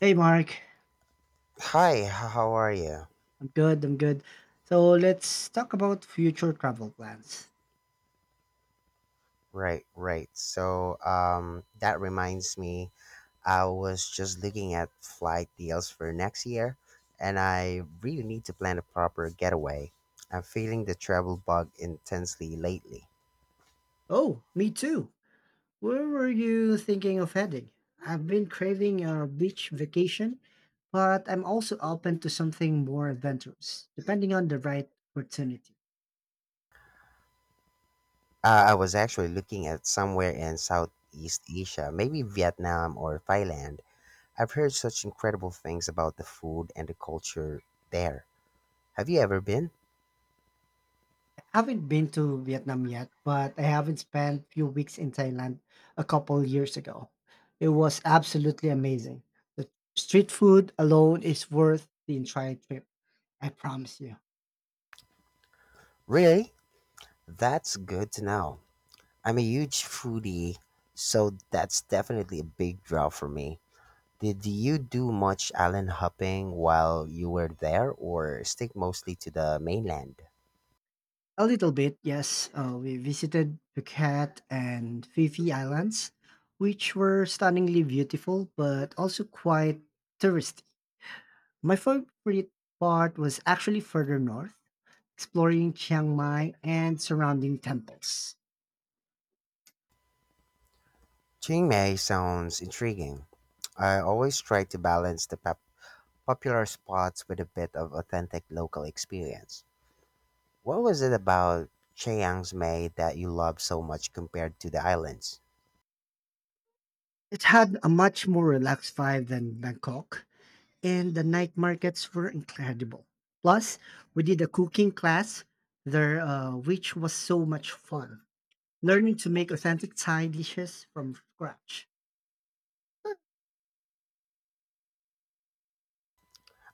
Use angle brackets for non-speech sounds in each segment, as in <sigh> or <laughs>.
Hey Mark, Hi, how are you? I'm good, I'm good. So let's talk about future travel plans. Right, right. That reminds me, I was just looking at flight deals for next year, and I really need to plan a proper getaway. I'm feeling the travel bug intensely lately. Oh, me too. Where were you thinking of heading? I've been craving a beach vacation, but I'm also open to something more adventurous, depending on the right opportunity. I was actually looking at somewhere in Southeast Asia, maybe Vietnam or Thailand. I've heard such incredible things about the food and the culture there. Have you ever been? I haven't been to Vietnam yet, but I haven't spent a few weeks in Thailand a couple years ago. It was absolutely amazing. The street food alone is worth the entire trip, I promise you. Really? That's good to know. I'm a huge foodie, so that's definitely a big draw for me. Did you do much island hopping while you were there or stick mostly to the mainland? A little bit, yes. We visited Phuket and Phi Phi Islands, which were stunningly beautiful but also quite touristy. My favorite part was actually further north, exploring Chiang Mai and surrounding temples. Chiang Mai sounds intriguing. I always try to balance the popular spots with a bit of authentic local experience. What was it about Chiang Mai that you loved so much compared to the islands? It had a much more relaxed vibe than Bangkok, and the night markets were incredible. Plus, we did a cooking class there, which was so much fun, learning to make authentic Thai dishes from scratch.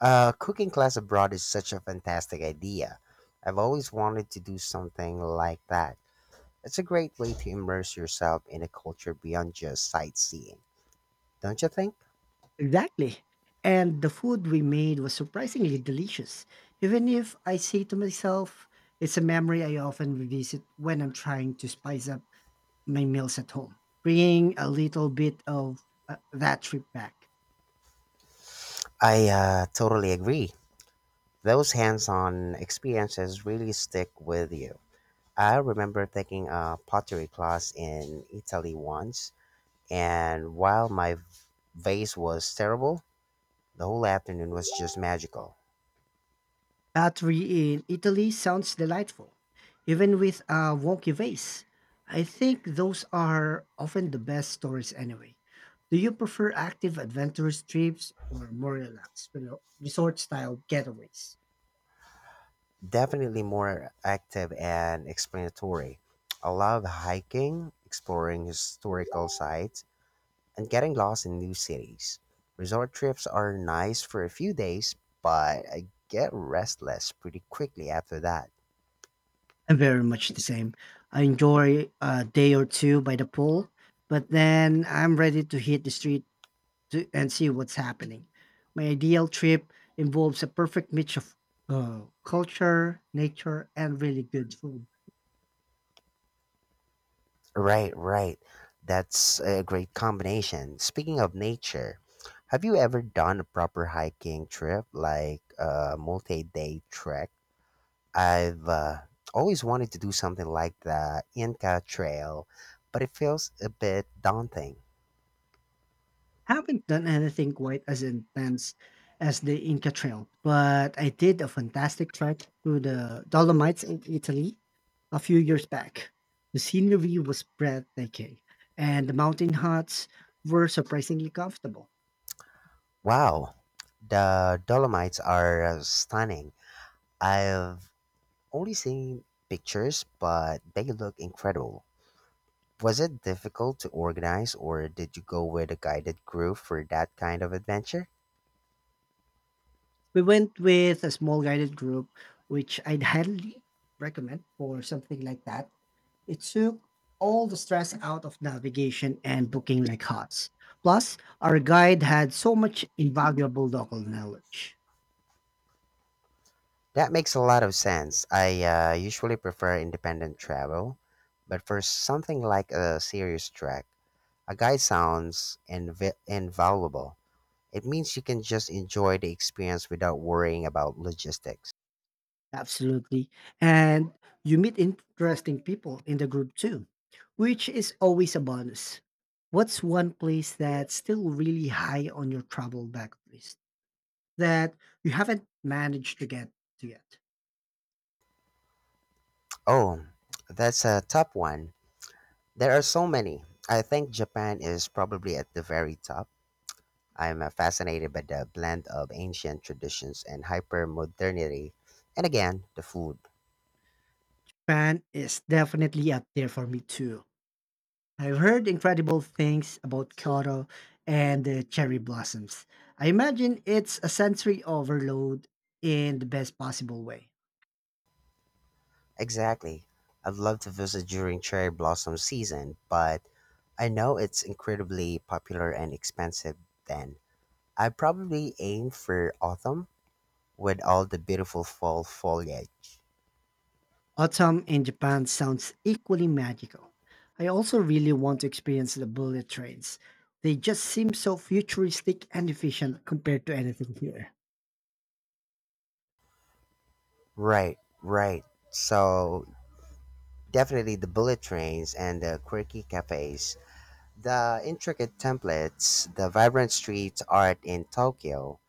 A cooking class abroad is such a fantastic idea. I've always wanted to do something like that. It's a great way to immerse yourself in a culture beyond just sightseeing, don't you think? Exactly. And the food we made was surprisingly delicious, even if I say to myself, it's a memory I often revisit when I'm trying to spice up my meals at home, bringing a little bit of that trip back. I totally agree. Those hands on experiences really stick with you. I remember taking a pottery class in Italy once, and while my vase was terrible, the whole afternoon was just magical. Battery in Italy sounds delightful, even with a wonky vase. I think those are often the best stories anyway. Do you prefer active adventurous trips or more relaxed, resort style getaways? Definitely more active and explanatory. I love hiking, exploring historical sites, and getting lost in new cities. Resort trips are nice for a few days, but I get restless pretty quickly after that. I'm very much the same. I enjoy a day or two by the pool, but then I'm ready to hit the street to and see what's happening. My ideal trip involves a perfect mix of culture, nature, and really good food. Right, right. That's a great combination. Speaking of nature, have you ever done a proper hiking trip, like a multi day trek? I've always wanted to do something like the Inca Trail, but it feels a bit daunting. Haven't done anything quite as intense as the Inca Trail, but I did a fantastic trek through the Dolomites in Italy a few years back. The scenery was breathtaking, and the mountain huts were surprisingly comfortable. Wow, the Dolomites are stunning. I've only seen pictures, but they look incredible. Was it difficult to organize, or did you go with a guided group for that kind of adventure? We went with a small guided group, which I'd highly recommend for something like that. It took all the stress out of navigation and booking like hot's. Plus, our guide had so much invaluable local knowledge. That makes a lot of sense. I usually prefer independent travel, but for something like a serious trek, a guide sounds invaluable. It means you can just enjoy the experience without worrying about logistics. Absolutely. And you meet interesting people in the group too, which is always a bonus. What's one place that's still really high on your travel backlist that you haven't managed to get to yet? Oh, that's a top one. There are so many. I think Japan is probably at the very top. I'm fascinated by the blend of ancient traditions and hyper modernity. And again, the food. Japan is definitely up there for me too. I've heard incredible things about Kyoto and the cherry blossoms. I imagine it's a sensory overload in the best possible way. Exactly. I'd love to visit during cherry blossom season, but I know it's incredibly popular and expensive then. I probably aim for autumn with all the beautiful fall foliage. Autumn in Japan sounds equally magical. I also really want to experience the bullet trains. They just seem so futuristic and efficient compared to anything here. Right, right. So definitely the bullet trains and the quirky cafes, the intricate templates, the vibrant street art in Tokyo.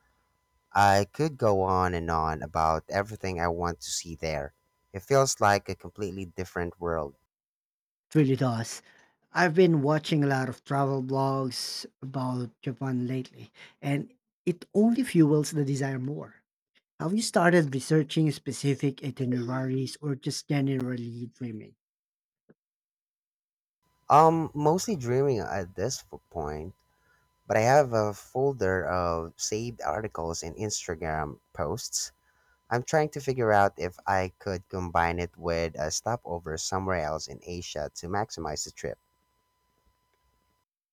I could go on and on about everything I want to see there. It feels like a completely different world. It really does. I've been watching a lot of travel blogs about Japan lately, and it only fuels the desire more. Have you started researching specific itineraries or just generally dreaming? Mostly dreaming at this point, but I have a folder of saved articles and Instagram posts. I'm trying to figure out if I could combine it with a stopover somewhere else in Asia to maximize the trip.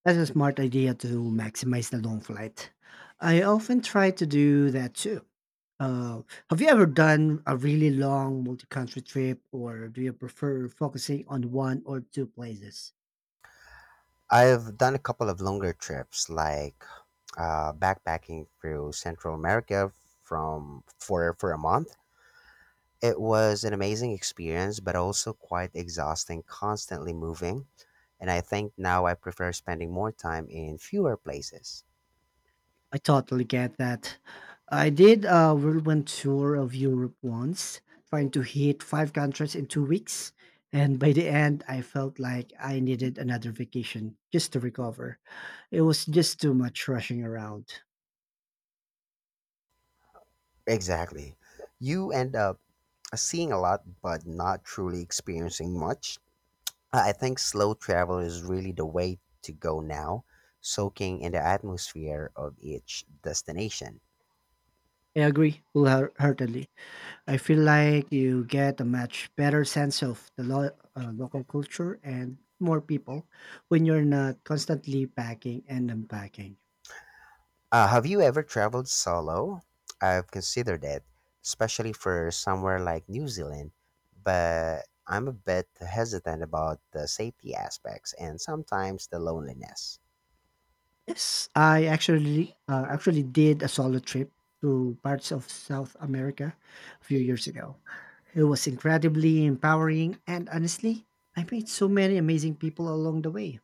That's a smart idea to maximize the long flight. I often try to do that too. Uh, have you ever done a really long multi country trip, or do you prefer focusing on one or two places? I've done a couple of longer trips, like backpacking through Central America from for a month. It was an amazing experience, but also quite exhausting, constantly moving. And I think now I prefer spending more time in fewer places. I totally get that. I did a whirlwind tour of Europe once, trying to hit five countries in 2 weeks. And by the end, I felt like I needed another vacation just to recover. It was just too much rushing around. Exactly. You end up seeing a lot, but not truly experiencing much. I think slow travel is really the way to go now, soaking in the atmosphere of each destination. I agree wholeheartedly. I feel like you get a much better sense of the local culture and more people when you're not constantly packing and unpacking. Have you ever traveled solo? I've considered it, especially for somewhere like New Zealand, but I'm a bit hesitant about the safety aspects and sometimes the loneliness. Yes, I actually did a solo trip to parts of South America a few years ago. It was incredibly empowering, and honestly, I met so many amazing people along the way.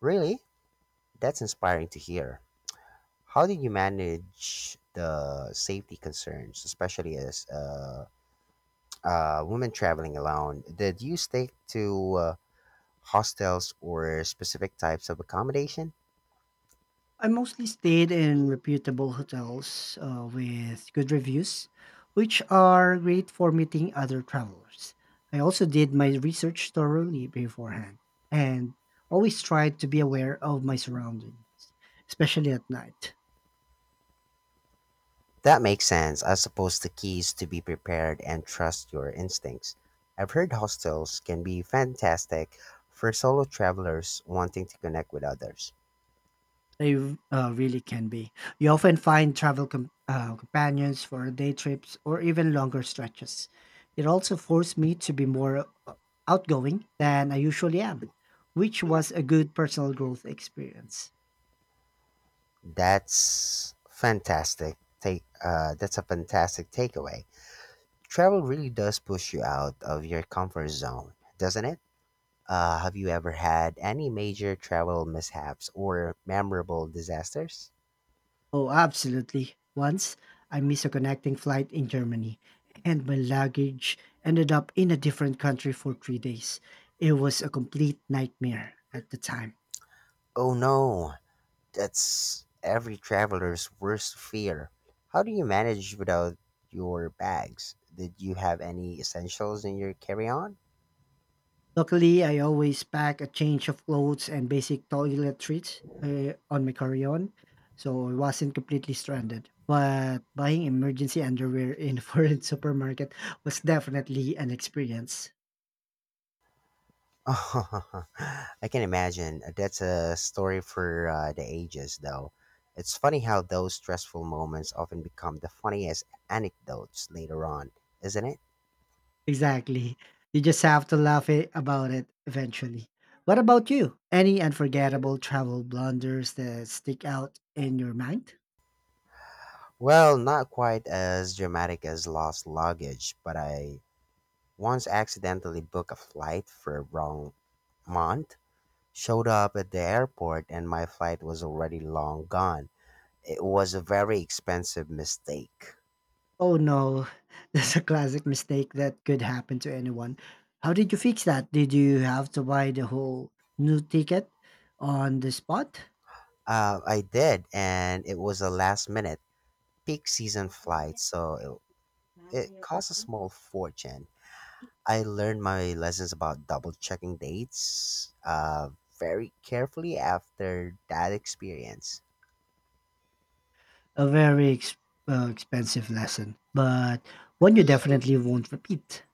Really? That's inspiring to hear. How did you manage the safety concerns, especially as women traveling alone, did you stick to hostels or specific types of accommodation? I mostly stayed in reputable hotels with good reviews, which are great for meeting other travelers. I also did my research thoroughly beforehand and always tried to be aware of my surroundings, especially at night. That makes sense. I suppose the key is to be prepared and trust your instincts. I've heard hostels can be fantastic for solo travelers wanting to connect with others. They really can be. You often find travel companions for day trips or even longer stretches. It also forced me to be more outgoing than I usually am, which was a good personal growth experience. That's fantastic. Take that's a fantastic takeaway. Travel really does push you out of your comfort zone, doesn't it? Have you ever had any major travel mishaps or memorable disasters? Oh, absolutely. Once I missed a connecting flight in Germany, and my luggage ended up in a different country for 3 days. It was a complete nightmare at the time. Oh no, that's every traveler's worst fear. How do you manage without your bags? Did you have any essentials in your carry on? Luckily, I always pack a change of clothes and basic toiletries on my carry-on, so I wasn't completely stranded. But buying emergency underwear in a foreign <laughs> supermarket was definitely an experience. <laughs> I can imagine. That's a story for the ages, though. It's funny how those stressful moments often become the funniest anecdotes later on, isn't it? Exactly. You just have to about it eventually. What about you? Any unforgettable travel blunders that stick out in your mind? Well, not quite as dramatic as lost luggage, but I once accidentally booked a flight for wrong month, showed up at the airport, and my flight was already long gone. It was a very expensive mistake. Oh no, <laughs> that's a classic mistake that could happen to anyone. How did you fix that? Did you have to buy the whole new ticket on the spot? I did, and it was a last minute peak season flight, so it cost a small fortune. I learned my lessons about double checking dates very carefully after that experience. A very expensive lesson, but one you definitely won't repeat.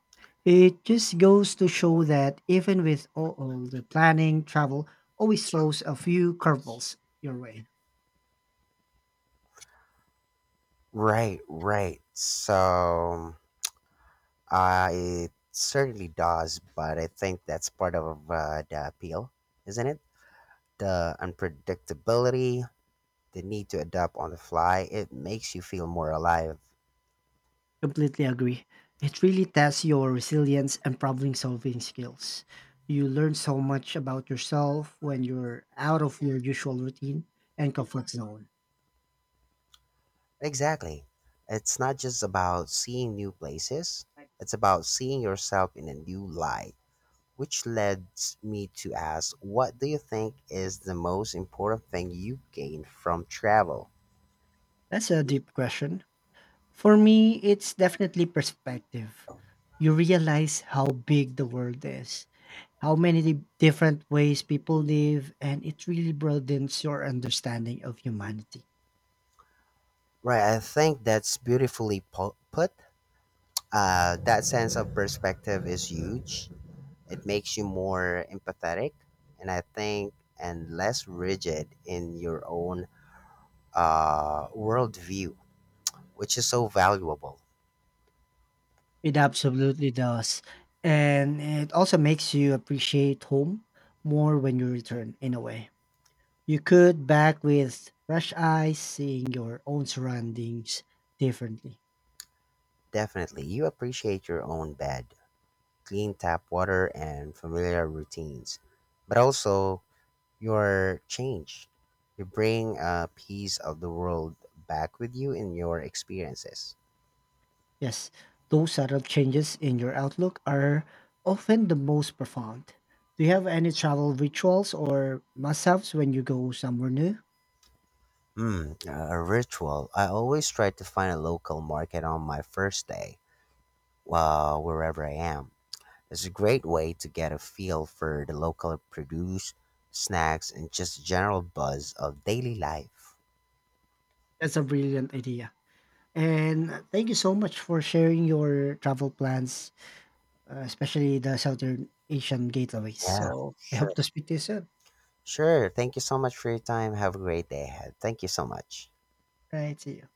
It just goes to show that even with all the planning, travel always throws a few curveballs your way. Right, right. So it certainly does, but I think that's part of the appeal, isn't it? The unpredictability, the need to adapt on the fly, it makes you feel more alive. Completely agree. It really tests your resilience and problem solving skills. You learn so much about yourself when you're out of your usual routine and comfort zone. Exactly. It's not just about seeing new places, it's about seeing yourself in a new light. Which leads me to ask, what do you think is the most important thing you gained from travel? That's a deep question. For me, it's definitely perspective. You realize how big the world is, how many different ways people live, and it really broadens your understanding of humanity. Right, I think that's beautifully put. That sense of perspective is huge. It makes you more empathetic, and I think, and less rigid in your own worldview, which is so valuable. It absolutely does. And it also makes you appreciate home more when you return, in a way. You could back with fresh eyes, seeing your own surroundings differently. Definitely, you appreciate your own bed, clean tap water, and familiar routines, but also your change. You bring a piece of the world back with you in your experiences. Yes, those subtle changes in your outlook are often the most profound. Do you have any travel rituals or must haves when you go somewhere new? Hmm, a ritual. I always try to find a local market on my first day, wherever I am. It's a great way to get a feel for the local produce, snacks, and just general buzz of daily life. That's a brilliant idea. And thank you so much for sharing your travel plans, especially the Southern Asian gateways. Yeah, So I hope sure. to speak to you soon. Sure. Thank you so much for your time. Have a great day ahead. Thank you so much. Right, see you.